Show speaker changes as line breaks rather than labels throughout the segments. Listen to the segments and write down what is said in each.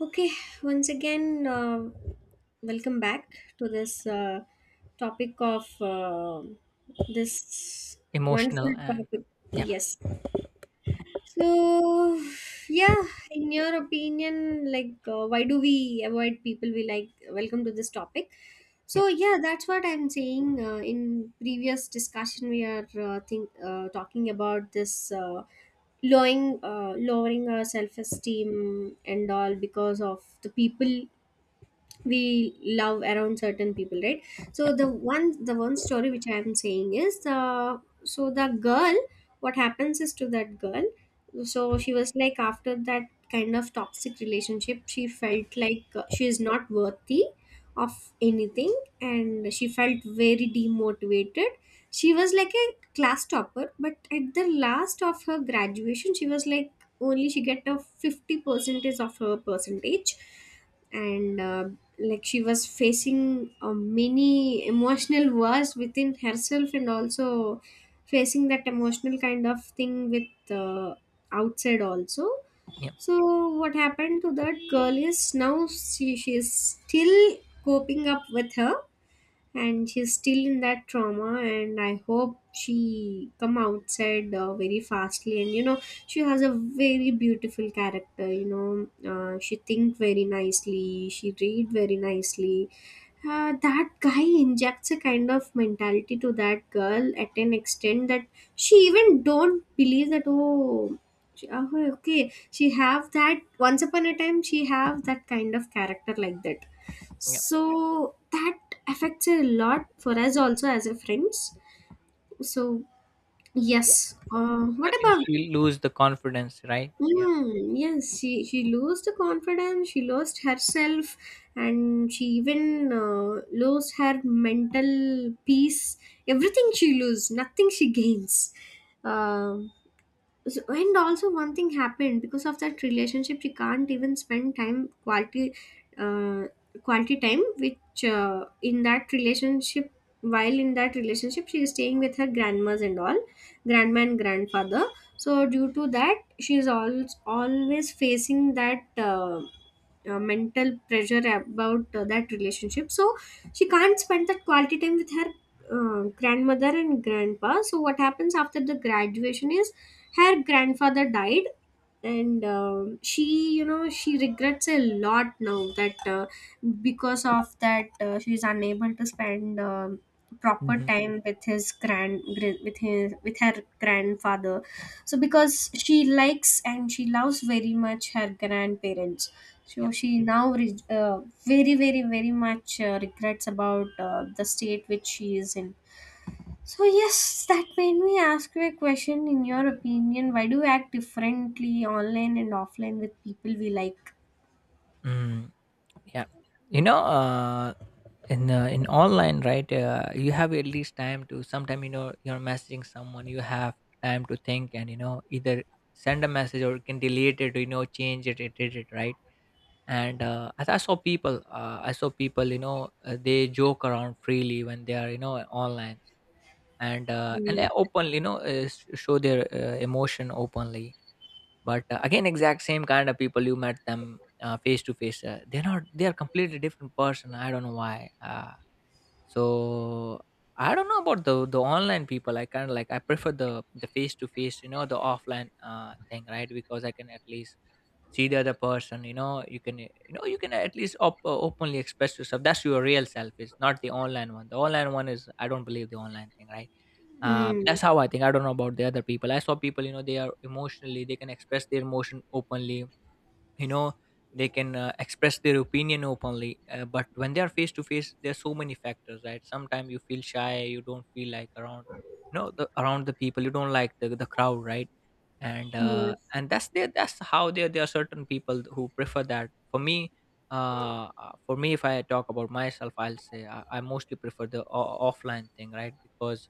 Okay, once again, welcome back to this topic of this wonderful
Emotional and
topic.
yeah
Yes, so, yeah, in your opinion, like, why do we avoid people we like? Welcome to this topic. So,
yeah
yeah, that's what I'm saying. In previous discussion, we are think talking about this lowering our self esteem and all because of the people we love around certain people, right?
yeah
So the one story which I am saying is, so the girl, what happens is to that girl, so she was like, after that kind of toxic relationship she
yeah
felt like she is not worthy of anything, and she felt very demotivated. She was like a class topper, but at the last of her graduation she was like only she get a 50 percentage of her percentage. And like she was facing many emotional wars within herself and also facing that emotional kind of thing with, outside also.
yeah
So what happened to that girl is now she is still coping up with her, and she's still in that trauma, and I hope she come outside very fastly. And you know, she has a very beautiful character, you know, she think very nicely, she read very nicely. That guy injects a kind of mentality to that girl at an extent that she even don't believe that, oh, oh, okay, she have that, once upon a time she have that kind of character like that.
yeah,
So that affects a lot for us also as a friends. So yes,
I
what
think
about,
she'll lose the confidence, right? Yeah.
mm, yes, she lost the confidence, she lost herself, and she even lost her mental peace. Everything she loses, nothing she gains. Um so, and also one thing happened because of that relationship, she can't even spend time quality, uh, quality time which, in that relationship, while in that relationship she is staying with her grandmas and all, grandma and grandfather. So due to that she is always facing that, mental pressure about that relationship, so she can't spend that quality time with her grandmother and grandpa. So what happens after the graduation is her grandfather died, and she, you know, she regrets a lot now that, because of that she's unable to spend proper
Hmm.
time with his with his with her grandfather. So because she likes and she loves very much her grandparents, so
yeah
she now very, very, very much regrets about the state which she is in. So yes, that made me ask you a question. In your opinion, why do we act differently online and offline with people we like?
mm, yeah You know, in online, right, you have at least time to sometime, you know, you're messaging someone, you have time to think and, you know, either send a message or you can delete it, you know, change it, edit it, right? And as I saw people, you know, they joke around freely when they are, you know, online. And
We-
openly, you know, show their emotion openly. But again, exact same kind of people, you met them face to face, they're not they are completely different person. I don't know why. So I don't know about the online people. I kind of like, I prefer the face to face, you know, the offline thing, right? Because I can at least see the other person. You know, you can you know, you can at least openly express yourself. That's your real self. It's not the online one. The online one is, I don't believe the online thing, right? um,
Mm.
that's how I think. I don't know about the other people. I saw people, you know, they are emotionally, they can express their emotion openly. You know, they can express their opinion openly. But when they are face to face, there's so many factors, right? Sometimes you feel shy, you don't feel like around, you know, the around the people, you don't like the crowd, right? And
Yes.
that's there, that's how there, there are certain people who prefer that. For me, for me, if I talk about myself, I'll say I mostly prefer the offline thing, right? Because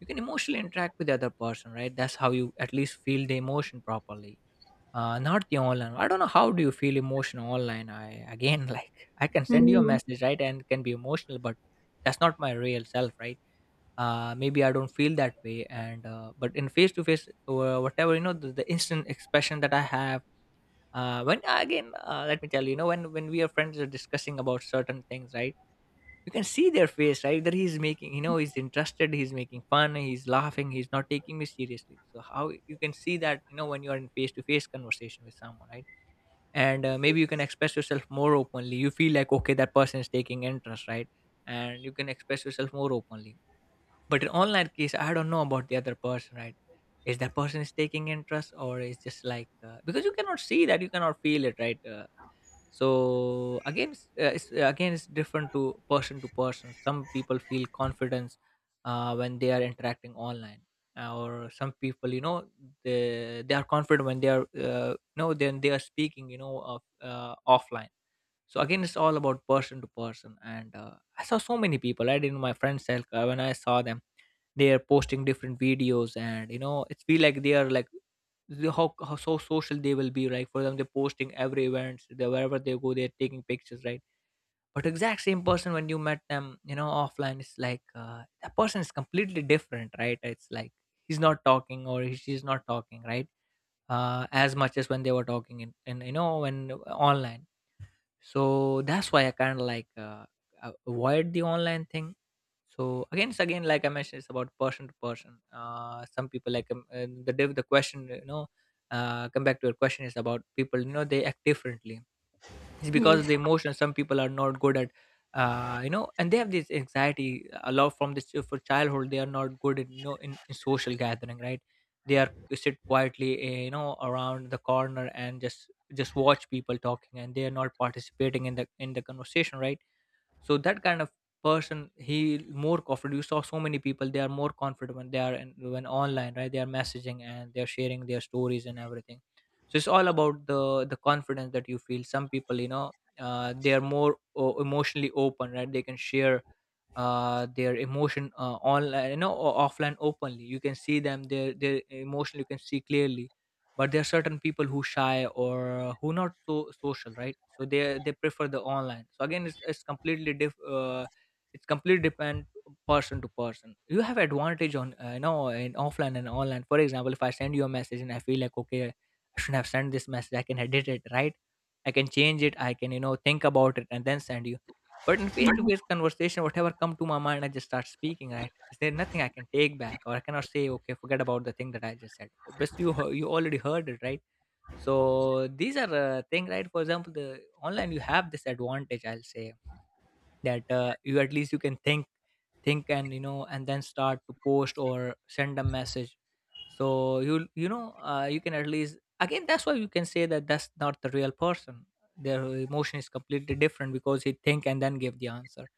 you can emotionally interact with the other person, right? That's how you at least feel the emotion properly. Not the online. I don't know how do you feel emotional online. I again like I can send you a
Mm.
message, right, and can be emotional, but that's not my real self, right? Maybe I don't feel that way, and but in face to face or whatever, you know, the instant expression that I have. Let me tell you, you know, when we are friends are discussing about certain things, right? You can see their face, right? That he's making, you know, he's interested, he's making fun, he's laughing, he's not taking me seriously. So how you can see that, you know, when you are in face to face conversation with someone, right? And maybe you can express yourself more openly, you feel like okay, that person is taking interest, right? And you can express yourself more openly. But in online case, I don't know about the other person, right? Is that person is taking interest or is just like, because you cannot see that, you cannot feel it, right? So again it's different to person to person. Some people feel confidence when they are interacting online. Or some people, you know, they are confident when they are no then they are speaking, you know, of offline. So again, it's all about person to person. And I saw so many people. I didn't, my friend circle, when I saw them, they are posting different videos, and you know, it's feel like they are like how so social they will be, right? For them, they're posting every events they, wherever they go, they're taking pictures, right? But exact same person, when you met them, you know, offline, it's like that person is completely different, right? It's like he's not talking, or she's not talking, right? As much as when they were talking in you know, when online. So that's why I kind of like avoid the online thing. So again, it's again, like I mentioned, it's about person to person. Some people like, the question, you know, come back to your question is about people, you know, they act differently. It's because of
Yes.
the emotion. Some people are not good at you know, and they have this anxiety a lot from this for childhood. They are not good at, you know, in social gathering, right? They are sit quietly, you know, around the corner and just watch people talking, and they are not participating in the conversation, right? So that kind of person, he more confident. You saw so many people, they are more confident when they are when online, right? They are messaging and they are sharing their stories and everything. So it's all about the confidence that you feel. Some people, you know, they are more emotionally open, right? They can share their emotion online, you know, offline openly. You can see them, their emotion you can see clearly. But there are certain people who shy or who not so social, right? So they prefer the online. So again it's, it's completely diff uh, it's completely depend person to person. You have advantage on you know, in offline and online. For example, if I send you a message and I feel like okay, I shouldn't have sent this message, I can edit it, right? I can change it, I can, you know, think about it and then send you. But in face-to-face conversation, whatever come to my mind, I just start speaking, right? Is there nothing I can take back, or I cannot say, okay, forget about the thing that I just said? Obviously, you you already heard it, right? So these are thing, right? For example, the online you have this advantage, I'll say that you at least you can think, and you know, and then start to post or send a message. So you know, you can at least, again that's why you can say that that's not the real person. Their emotion is completely different because he think and then give the answer.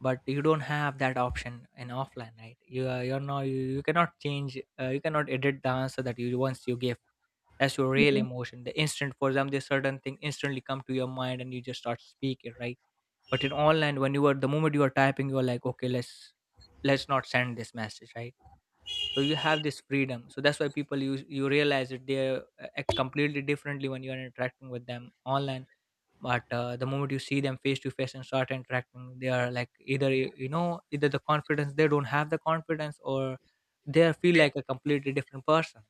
But you don't have that option in offline, right? You are, you're not, you cannot change, you cannot edit the answer that you once you give. That's your real
Mm.
emotion, the instant. For example, this certain thing instantly come to your mind and you just start speaking, right? But in online, when you are the moment you are typing, you're like okay, let's not send this message, right? So you have this freedom. So that's why people, you realize that they act completely differently when you are interacting with them online. But the moment you see them face to face and start interacting, they are like either you know, either the confidence, they don't have the confidence, or they feel like a completely different person.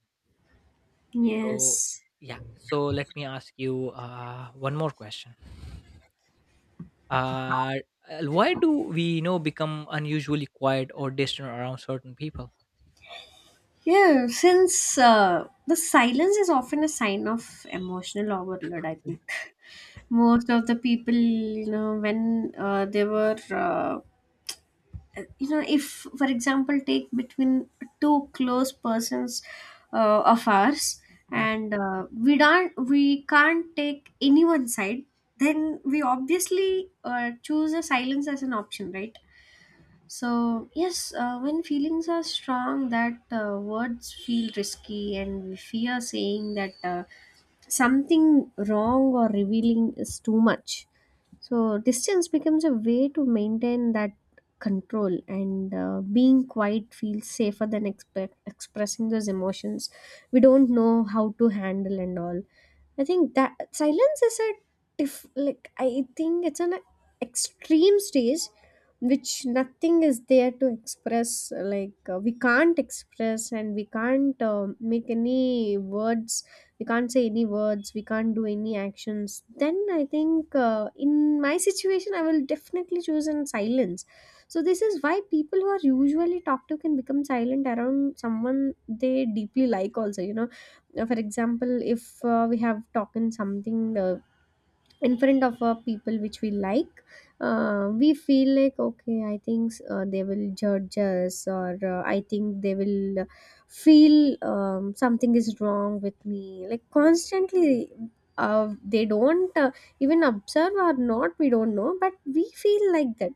So
Yes.
yeah, so let me ask you one more question. uh, why do we, you know, become unusually quiet or distant around certain people?
Yeah, since the silence is often a sign of emotional overload, I
yeah
think most of the people, you know, when they were, you know, if for example, take between two close persons of ours, and we can't take anyone's side, then we obviously choose a silence as an option, right? So, yes, when feelings are strong, that words feel risky, and we fear saying that, something wrong or revealing is too much. So, distance becomes a way to maintain that control, and being quiet feels safer than expressing those emotions. We don't know how to handle and all. I think that silence is a diff, like I think it's an extreme stage which nothing is there to express, like we can't express and we can't make any words, we can't say any words, we can't do any actions, then I think, in my situation I will definitely choose in silence. So this is why people who are usually talkative can become silent around someone they deeply like also, you know, for example, if we have talking something in front of people which we like, we feel like, okay, I think they will judge us, or I think they will feel something is wrong with me, like constantly, uh, they don't even observe or not, we don't know, but we feel like that.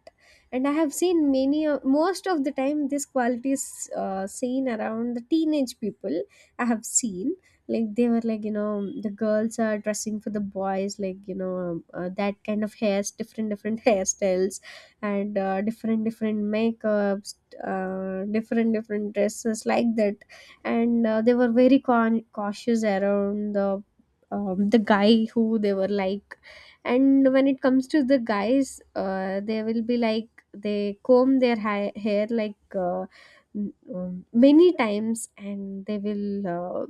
And I have seen many, most of the time, this quality is seen around the teenage people, I have seen. Like they were like, you know, the girls are dressing for the boys, like, you know, that kind of hairs, different different hairstyles, and different different makeups, different different dresses like that. And they were very cautious around the guy who they were like. And when it comes to the guys, they will be like they comb their hair like, many times, and they will,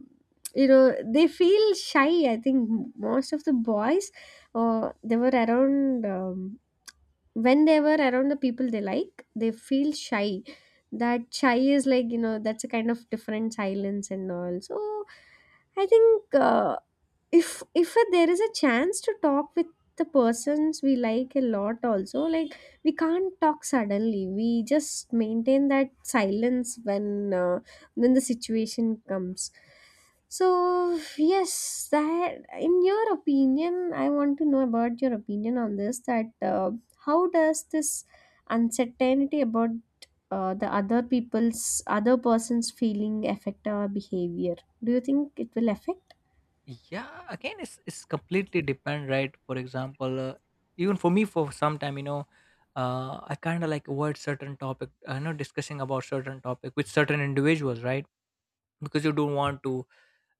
you know, they feel shy, I think most of the boys, they were around when they were around the people they like, they feel shy. That shy is like, you know, that's a kind of different silence and all. So I think, if there is a chance to talk with the persons we like a lot also, like we can't talk, suddenly we just maintain that silence when, when the situation comes. So yes, that, in your opinion, I want to know about your opinion on this, that how does this uncertainty about the other people's, other person's feeling affect our behavior? Do you think it will affect?
yeah, again, it's completely depend, right? For example, even for me for some time, you know, I kind of like avoid certain topic, you know, discussing about certain topic with certain individuals, right? Because you don't want to,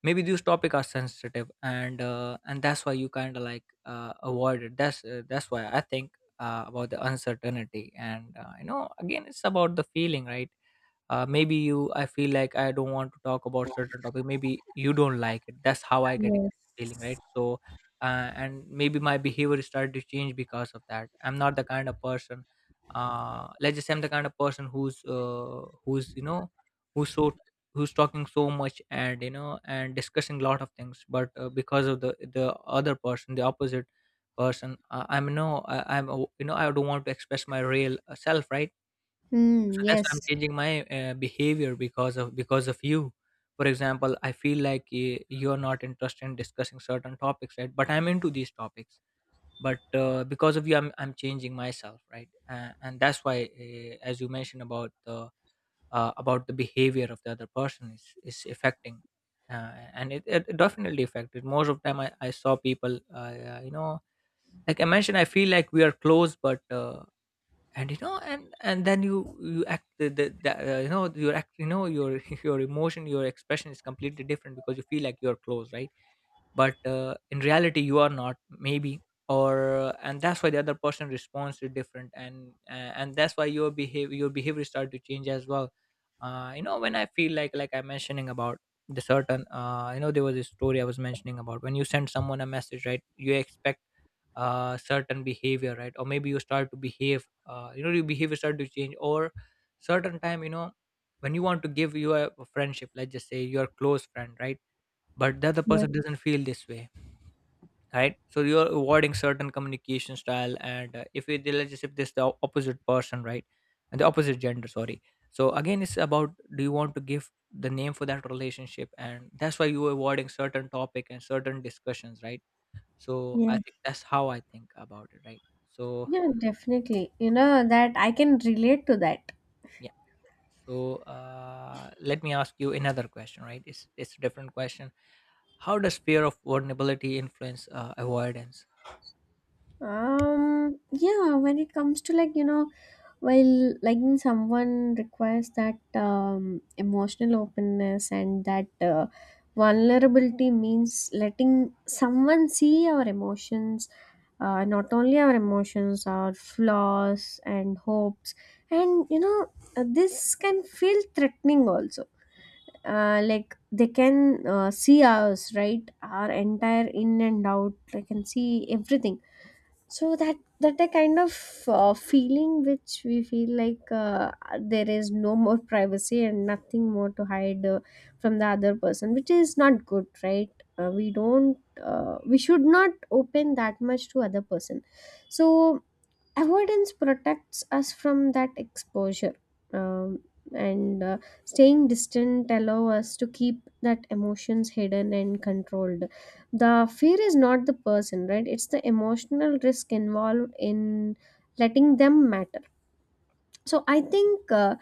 maybe these topic are sensitive, and that's why you kind of like avoid it. That's why I think about the uncertainty. And you know, again, it's about the feeling, right? Maybe you, I feel like I don't want to talk about certain topic, maybe you don't like it. That's how I get it
Yes.
feeling, right? So and maybe my behavior started to change because of that. I'm not the kind of person, let's just say I'm the kind of person who's you know, who's who's talking so much and you know, and discussing a lot of things. But because of the other person, the opposite person, I'm you know, I don't want to express my real self, right?
Hmm.
So that's why I'm
Yes.
changing my behavior because of you. For example, I feel like you're not interested in discussing certain topics, right? But I'm into these topics. But because of you, I'm changing myself, right? And that's why, as you mentioned about the behavior of the other person is affecting. And it definitely affected most of time. I saw people, you know, like I mentioned, I feel like we are close, but and you know, and then you act the Your your emotion, your expression is completely different because you feel like you're close, right? But in reality you are not, maybe. Or And that's why the other person responds is different. And that's why your behavior start to change as well. You know, when I feel like, I'm mentioning about the certain, you know, there was a story I was mentioning about when you send someone a message, right? You expect certain behavior, right? Or maybe you start to behave, you know, your behavior start to change, or certain time, you know, when you want to give you a friendship, let's just say your close friend, right? But the other
Yes.
person doesn't feel this way, right? So you're avoiding certain communication style. And if it, let's just, if this the opposite person, right? And the opposite gender, sorry. So again, it's about, do you want to give the name for that relationship, and that's why you're avoiding certain topic and certain discussions, right? So I think
Yes.
that's how I think about it, right? So
Yeah, definitely. You know that I can relate to that.
yeah. So let me ask you another question, right? It's a different question. How does fear of vulnerability influence avoidance?
Yeah, when it comes to like, you know, while liking someone requires that emotional openness and that vulnerability means letting someone see our emotions, not only our emotions, our flaws and hopes. And, you know, this can feel threatening also. Like they can see us, right, our entire in and out, they can see everything. So that, that a kind of feeling which we feel like there is no more privacy and nothing more to hide from the other person, which is not good, right? We should not open that much to other person. So avoidance protects us from that exposure. Um, and Staying distant allow us to keep that emotions hidden and controlled. The fear is not the person, right? It's the emotional risk involved in letting them matter. So I think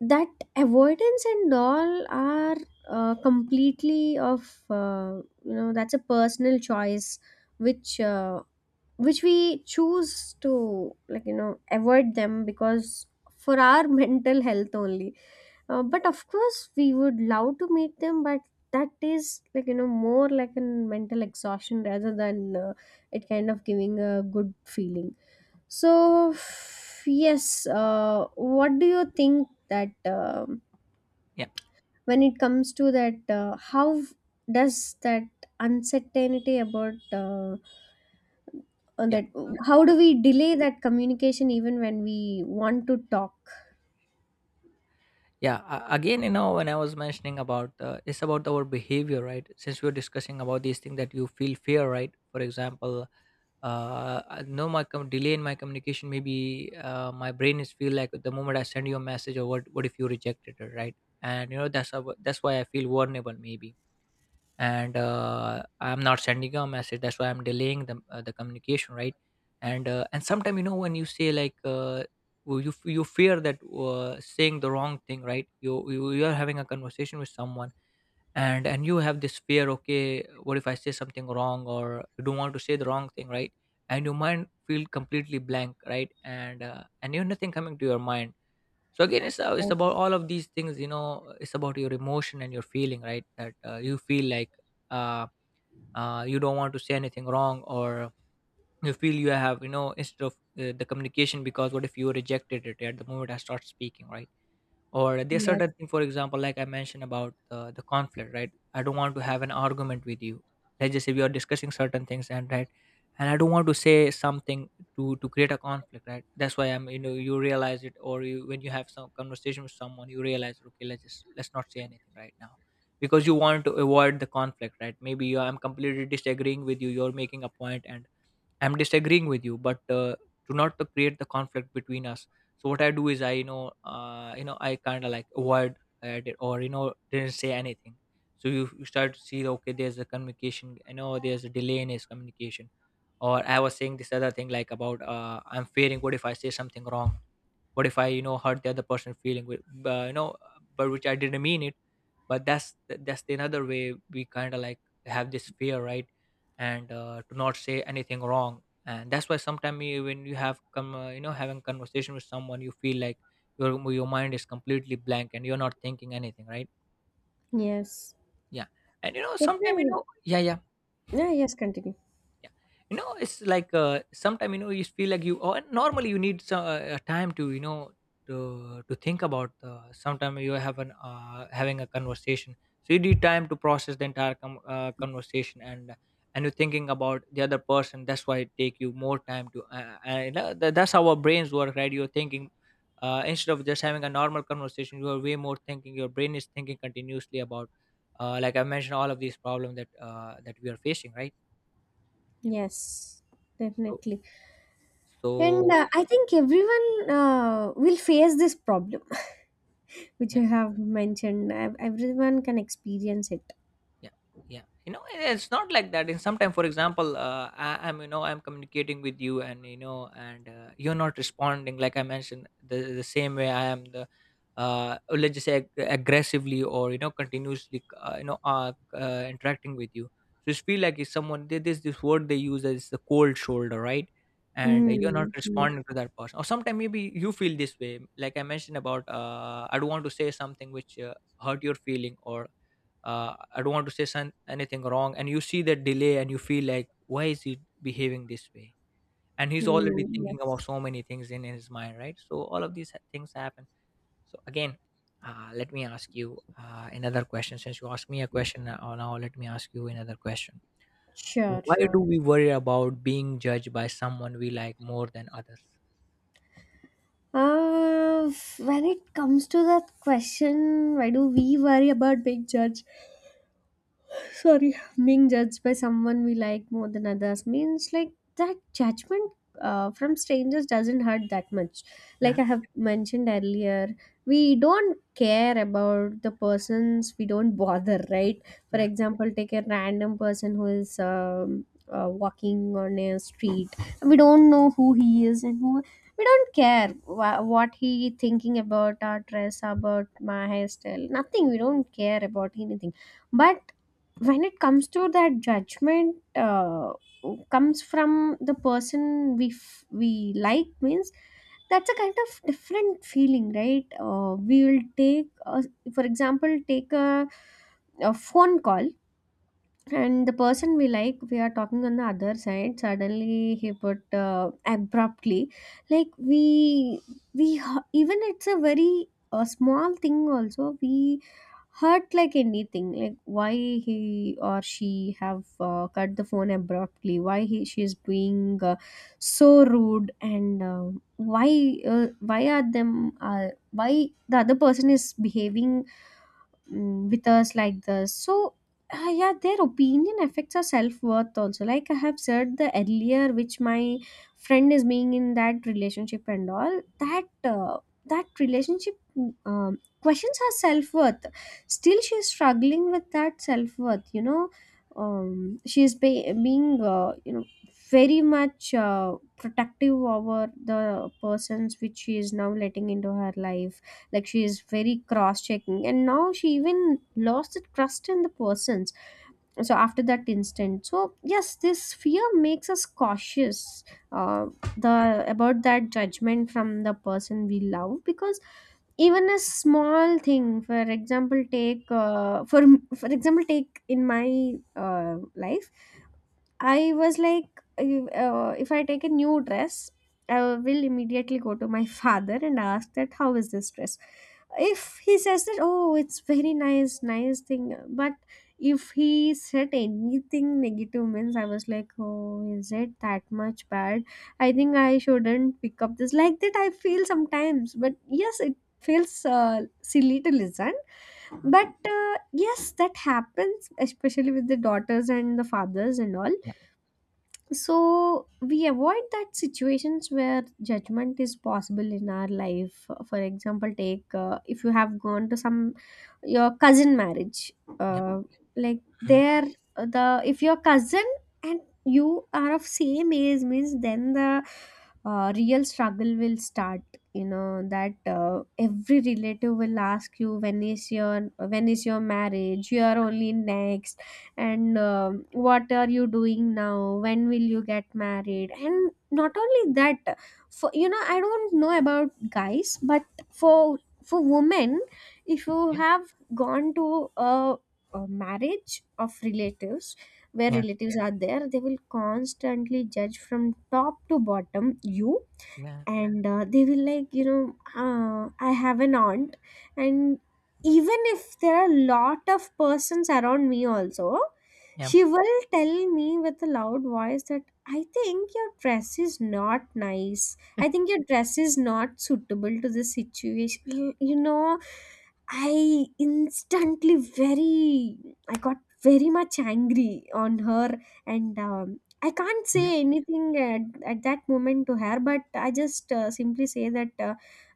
that avoidance and all are completely of, you know, that's a personal choice which uh, which we choose to, like, you know, avoid them because for our mental health only. But of course we would love to meet them, but that is like, you know, more like a mental exhaustion rather than it kind of giving a good feeling. So yes, what do you think that um
Yeah,
when it comes to that, how does that uncertainty about on
yeah,
that, how do we delay that communication even when we want to talk?
yeah. Again, you know, when I was mentioning about, it's about our behavior, right? Since we are discussing about these things, that you feel fear, right? For example, I know my delay in my communication, maybe my brain is feel like the moment I send you a message, or what if you rejected it, right? And you know, that's why I feel vulnerable, maybe. And I'm not sending a message, that's why I'm delaying the communication, right? And and sometimes, you know, when you say like, you fear that, saying the wrong thing, right? You are having a conversation with someone, and you have this fear, okay, what if I say something wrong, or you don't want to say the wrong thing, right? And your mind feel completely blank, right? And and you have nothing coming to your mind. So again, it's about
Yes.
all of these things, you know, it's about your emotion and your feeling, right, that you feel like, uh, you don't want to say anything wrong, or you feel you have, you know, instead of the communication, because what if you rejected it at the moment I start speaking, right? Or there's
Yes.
certain thing, for example, like I mentioned about the conflict, right? I don't want to have an argument with you. Let's just say we are discussing certain things, and right, and I don't want to say something to create a conflict, right? That's why I'm, you know, you realize it, or you, when you have some conversation with someone, you realize, okay, let's not say anything right now, because you want to avoid the conflict, right? Maybe I'm completely disagreeing with you, you're making a point, and I'm disagreeing with you, but do not to create the conflict between us. So what I do is I, you know, you know, I kind of like avoid at it, or you know, didn't say anything. So you start to see, okay, there's a communication, you know, there's a delay in his communication. Or I was saying this other thing, like, about I'm fearing, what if I say something wrong, what if I, you know, hurt the other person feeling with, you know, but which I didn't mean it. But that's the another way we kind of like have this fear, right? And to not say anything wrong. And that's why sometimes when you have come you know, having conversation with someone, you feel like your mind is completely blank and you're not thinking anything, right?
Yes,
Yeah. And you know, sometimes, you
definitely.
know, yeah, yeah,
Yeah. Yes, continue.
yeah. You know, it's like, sometimes, you know, you feel like you, oh, and normally you need some time to, you know, to think about the sometimes you have an having a conversation. So you need time to process the entire conversation. And you're thinking about the other person, that's why it take you more time to, and that's how our brains work, right? You're thinking, instead of just having a normal conversation, you are way more thinking, your brain is thinking continuously about like I mentioned, all of these problems that that we are facing, right? Yeah.
Yes,
So.
definitely. and
So
uh, I think everyone will face this problem which
yeah,
you have mentioned. Everyone can experience it.
yeah, yeah. You know, it- it's not like that. In sometime, for example, I'm, you know, I'm communicating with you, and you know, and you're not responding. Like I mentioned, the same way I am the, or let's just say aggressively, or you know, continuously you know, interacting with you. So it's feel like if someone did this, this word they use is the cold shoulder, right? And you're
Mm,
not
yes,
responding to that person. Or sometimes maybe you feel this way. Like I mentioned about I don't want to say something which hurt your feeling, or I don't want to say anything wrong, and you see that delay and you feel like, why is he behaving this way? And he's
mm,
already thinking about
yes.
so many things in his mind, right? So all of these things happen. So again, let me ask you another question. Since you asked me a question, now let me ask you another question.
Sure,
Why do
sure.
we worry about being judged by someone we like more than others?
Uh, when it comes to that question, why do we worry about being judged? Sorry, being judged by someone we like more than others, means like that judgment from strangers doesn't hurt that much. Like
Yeah.
I have mentioned earlier, we don't care about the persons, we don't bother, right? For
Yeah.
example, take a random person who is walking on a street, and we don't know who he is and who, we don't care what he thinking about, our dress, about my hairstyle, nothing, we don't care about anything. But when it comes to that judgment, comes from the person we like, means that's a kind of different feeling, right? We will take a, for example, take a phone call, and the person we like, we are talking on the other side. Suddenly, he put abruptly, like even it's a very a small thing, also, we hurt like anything. Like why he or she have cut the phone abruptly. Why he she is being so rude and why the other person is behaving with us like this. So yeah, their opinion affects our self-worth also. Like I have said the earlier, which my friend is being in that relationship and all that, that relationship questions her self-worth. Still she is struggling with that self-worth, you know. She is being you know, very much protective over the persons which she is now letting into her life. Like she is very cross checking, and now she even lost the trust in the persons so after that incident. So yes, this fear makes us cautious uh, the about that judgment from the person we love, because even a small thing. For example, take for example, take in my uh, life. I was like, if I take a new dress, I will immediately go to my father and ask that how is this dress. If he says that, oh, it's very nice, nice thing. But if he said anything negative, means I was like, oh, is it that much bad? I think I shouldn't pick up this. Like that, I feel sometimes. But yes, it feels silly to listen,
Mm.
but yes, that happens especially with the daughters and the fathers and all.
Yeah.
So we avoid that situations where judgment is possible in our life. For example, take if you have gone to some your cousin marriage,
Yeah.
uh, like
Mm.
there, the if your cousin and you are of same age means, then the real struggle will start. You know that every relative will ask you, when is your marriage, you are only next. And um, what are you doing now, when will you get married? And not only that, for you know, I don't know about guys, but for for women, if you
Yeah.
have gone to a marriage of relatives, where
Yeah.
relatives are there, they will constantly judge from top to bottom you.
Yeah.
And they will, like, you know, I have an aunt, and even if there are a lot of persons around me also, she will tell me with a loud voice that I think your dress is not nice, I think your dress is not suitable to this situation, you know. I instantly very i got very much angry on her. And I can't
Yeah.
say anything at that moment to her, but I just simply say that, uh,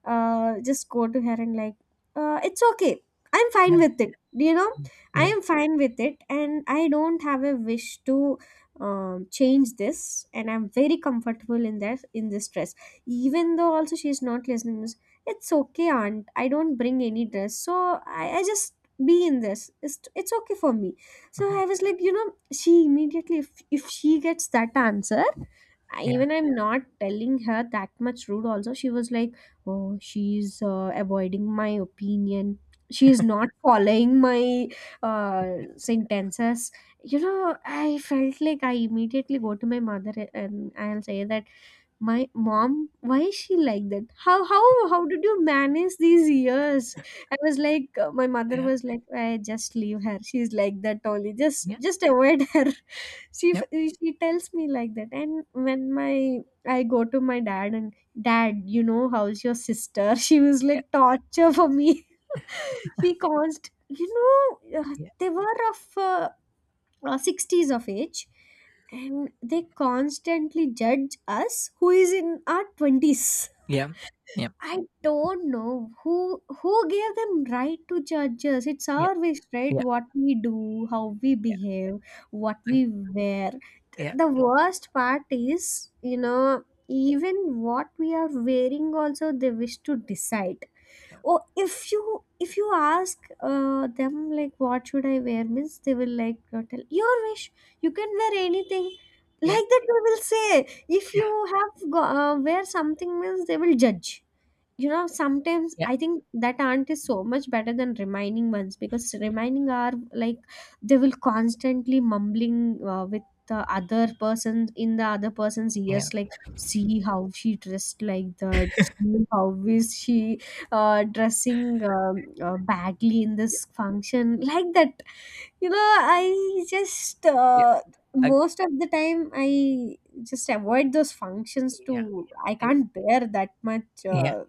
uh, just go to her and like, it's okay. I'm fine
Yeah.
with it. You know,
Yeah.
I
Yeah.
am fine with it, and I don't have a wish to change this, and I'm very comfortable in that in this dress. Even though also she's not listening, is, it's okay, aunt. I don't bring any dress, so I just be in this. It's okay for me. So
Yeah.
I was like, you know, she immediately, if she gets that answer,
Yeah. Yeah.
even I'm not telling her that much rude, also, she was like, oh, she's avoiding my opinion. She is not following my
Yeah.
sentences. You know, I felt like I immediately go to my mother and I'll say that, my mom, why is she like that, how did you manage these years. I was like, my mother
Yeah,
was like, I just leave her, she's like that only,
yeah.
just avoid her. she
Yeah,
f- she tells me like that. And when my I go to my dad and, dad, you know, how's your sister? She was like torture for me. She caused, you know, uh,
Yeah,
they were of uh, uh, 60s of age, and they constantly judge us who is in our 20s.
yeah, yeah,
I don't know who gave them right to judge us. It's
yeah,
our wish, right?
yeah,
What we do, how we behave, what we
and
wear. Th-
yeah,
the worst part is, you know, even what we are wearing also they wish to decide.
yeah,
Oh, if you ask them like what should I wear means, they will like, tell your wish, you can wear anything,
yeah,
like that they will say. If you
yeah,
have wear something means, they will judge, you know. Sometimes
yeah,
I think that aunt is so much better than remaining ones, because remaining are like, they will constantly mumbling with the other person in the other person's
yeah,
ears, like see how she dressed like that, see how is she dressing badly in
yeah,
this function, like that. You know, I just
yeah,
most of the time I just avoid those functions
yeah,
to I
eh
can't bear that much
yeah.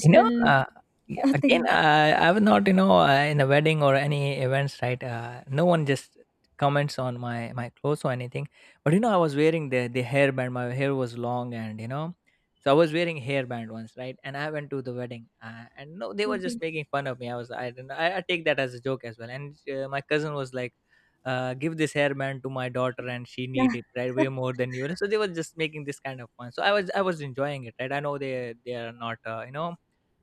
You know, yeah, again,
thing.
I would not, you know, in a wedding or any events, right? No one just comments on my clothes or anything. But you know, I was wearing the hairband. My hair was long, and you know, so I was wearing hairband once, right? And I went to the wedding, and no, they were
Okay.
just making fun of me. I didn't, I take that as a joke as well. And my cousin was like, give this hairband to my daughter and she need
Yeah.
it right, way more than you. So they were just making this kind of fun, so I was enjoying it, right? I know they are not, you know,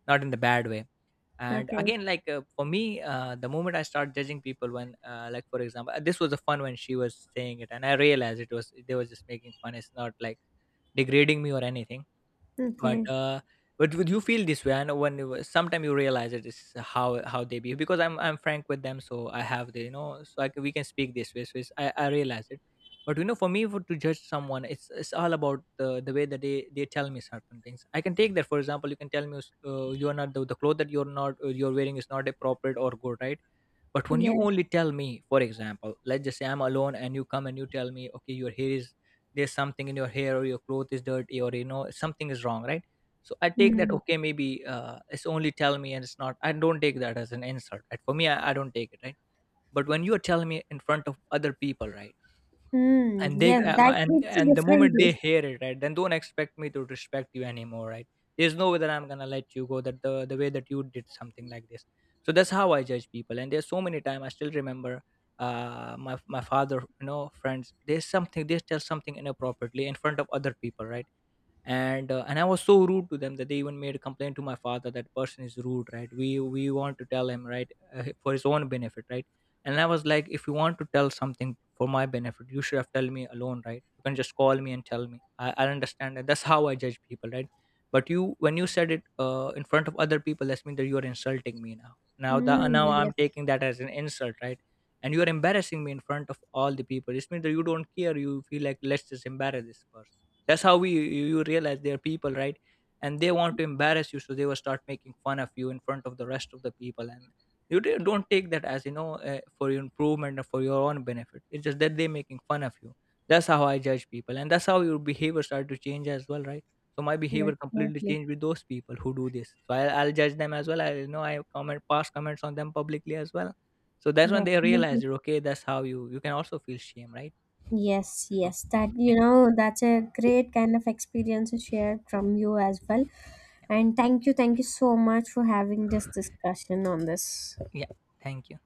not in the bad way. And
Okay.
again, like, for me, the moment I start judging people when, like for example, this was a fun when she was saying it, and I realized it was, they were just making fun. It's not like degrading me or anything. But
Okay.
but would you feel this way? I know when sometime you realize it is how they behave, because I'm frank with them, so I have the, you know, so we can speak this way. So it's, I realize it. But you know, for me, to judge someone, it's all about the way that they tell me certain things. I can take that, for example, you can tell me, you're not the, the clothes that you're not, you're wearing is not appropriate or good, right? But when you
Yes.
only tell me, for example, let's just say I'm alone, and you come and you tell me, okay, your hair is, there's something in your hair, or your cloth is dirty, or you know, something is wrong, right? So I take that,
Mm.
okay, maybe it's only tell me, and it's not, I don't take that as an insult, right? For me, I don't take it, right? But when you are telling me in front of other people, right?
Mm.
And they,
Yes, that
and
hits
the moment
differently.
they hear it, right, then don't expect me to respect you anymore, right? There's no way that I'm gonna let you go that the way that you did something like this. So that's how I judge people. And there's so many time I still remember my father, you know, friends, there's something they tell something inappropriately in front of other people, right? And and I was so rude to them that they even made a complaint to my father, that person is rude, right, we want to tell him, right, for his own benefit, right. And I was like, if you want to tell something for my benefit, you should have told me alone, right. You can just call me and tell me. I understand that, that's how I judge people, right? But you, when you said it, in front of other people, that's mean that you are insulting me. Now the
Mm.
now I'm
Yes.
taking that as an insult, right? And you are embarrassing me in front of all the people. This means that you don't care, you feel like, let's just embarrass this person. That's how we you, you realize they're people, right? And they want to embarrass you, so they will start making fun of you in front of the rest of the people. And you don't take that as, you know, for your improvement or for your own benefit. It's just that they're making fun of you. That's how I judge people, and that's how your behavior started to change as well, right? So my
Yes.
behavior completely
Definitely.
changed with those people who do this. So I'll judge them as well. I You know, I comment pass comments on them publicly as well. So that's when they
Definitely.
realized, okay, that's how you, you can also feel shame, right?
Yes,
So
yes, that,
yeah.
you know, that's a great kind of experience shared from you as well.
Yeah.
And thank you so much for having this discussion on this.
Yeah. Thank you.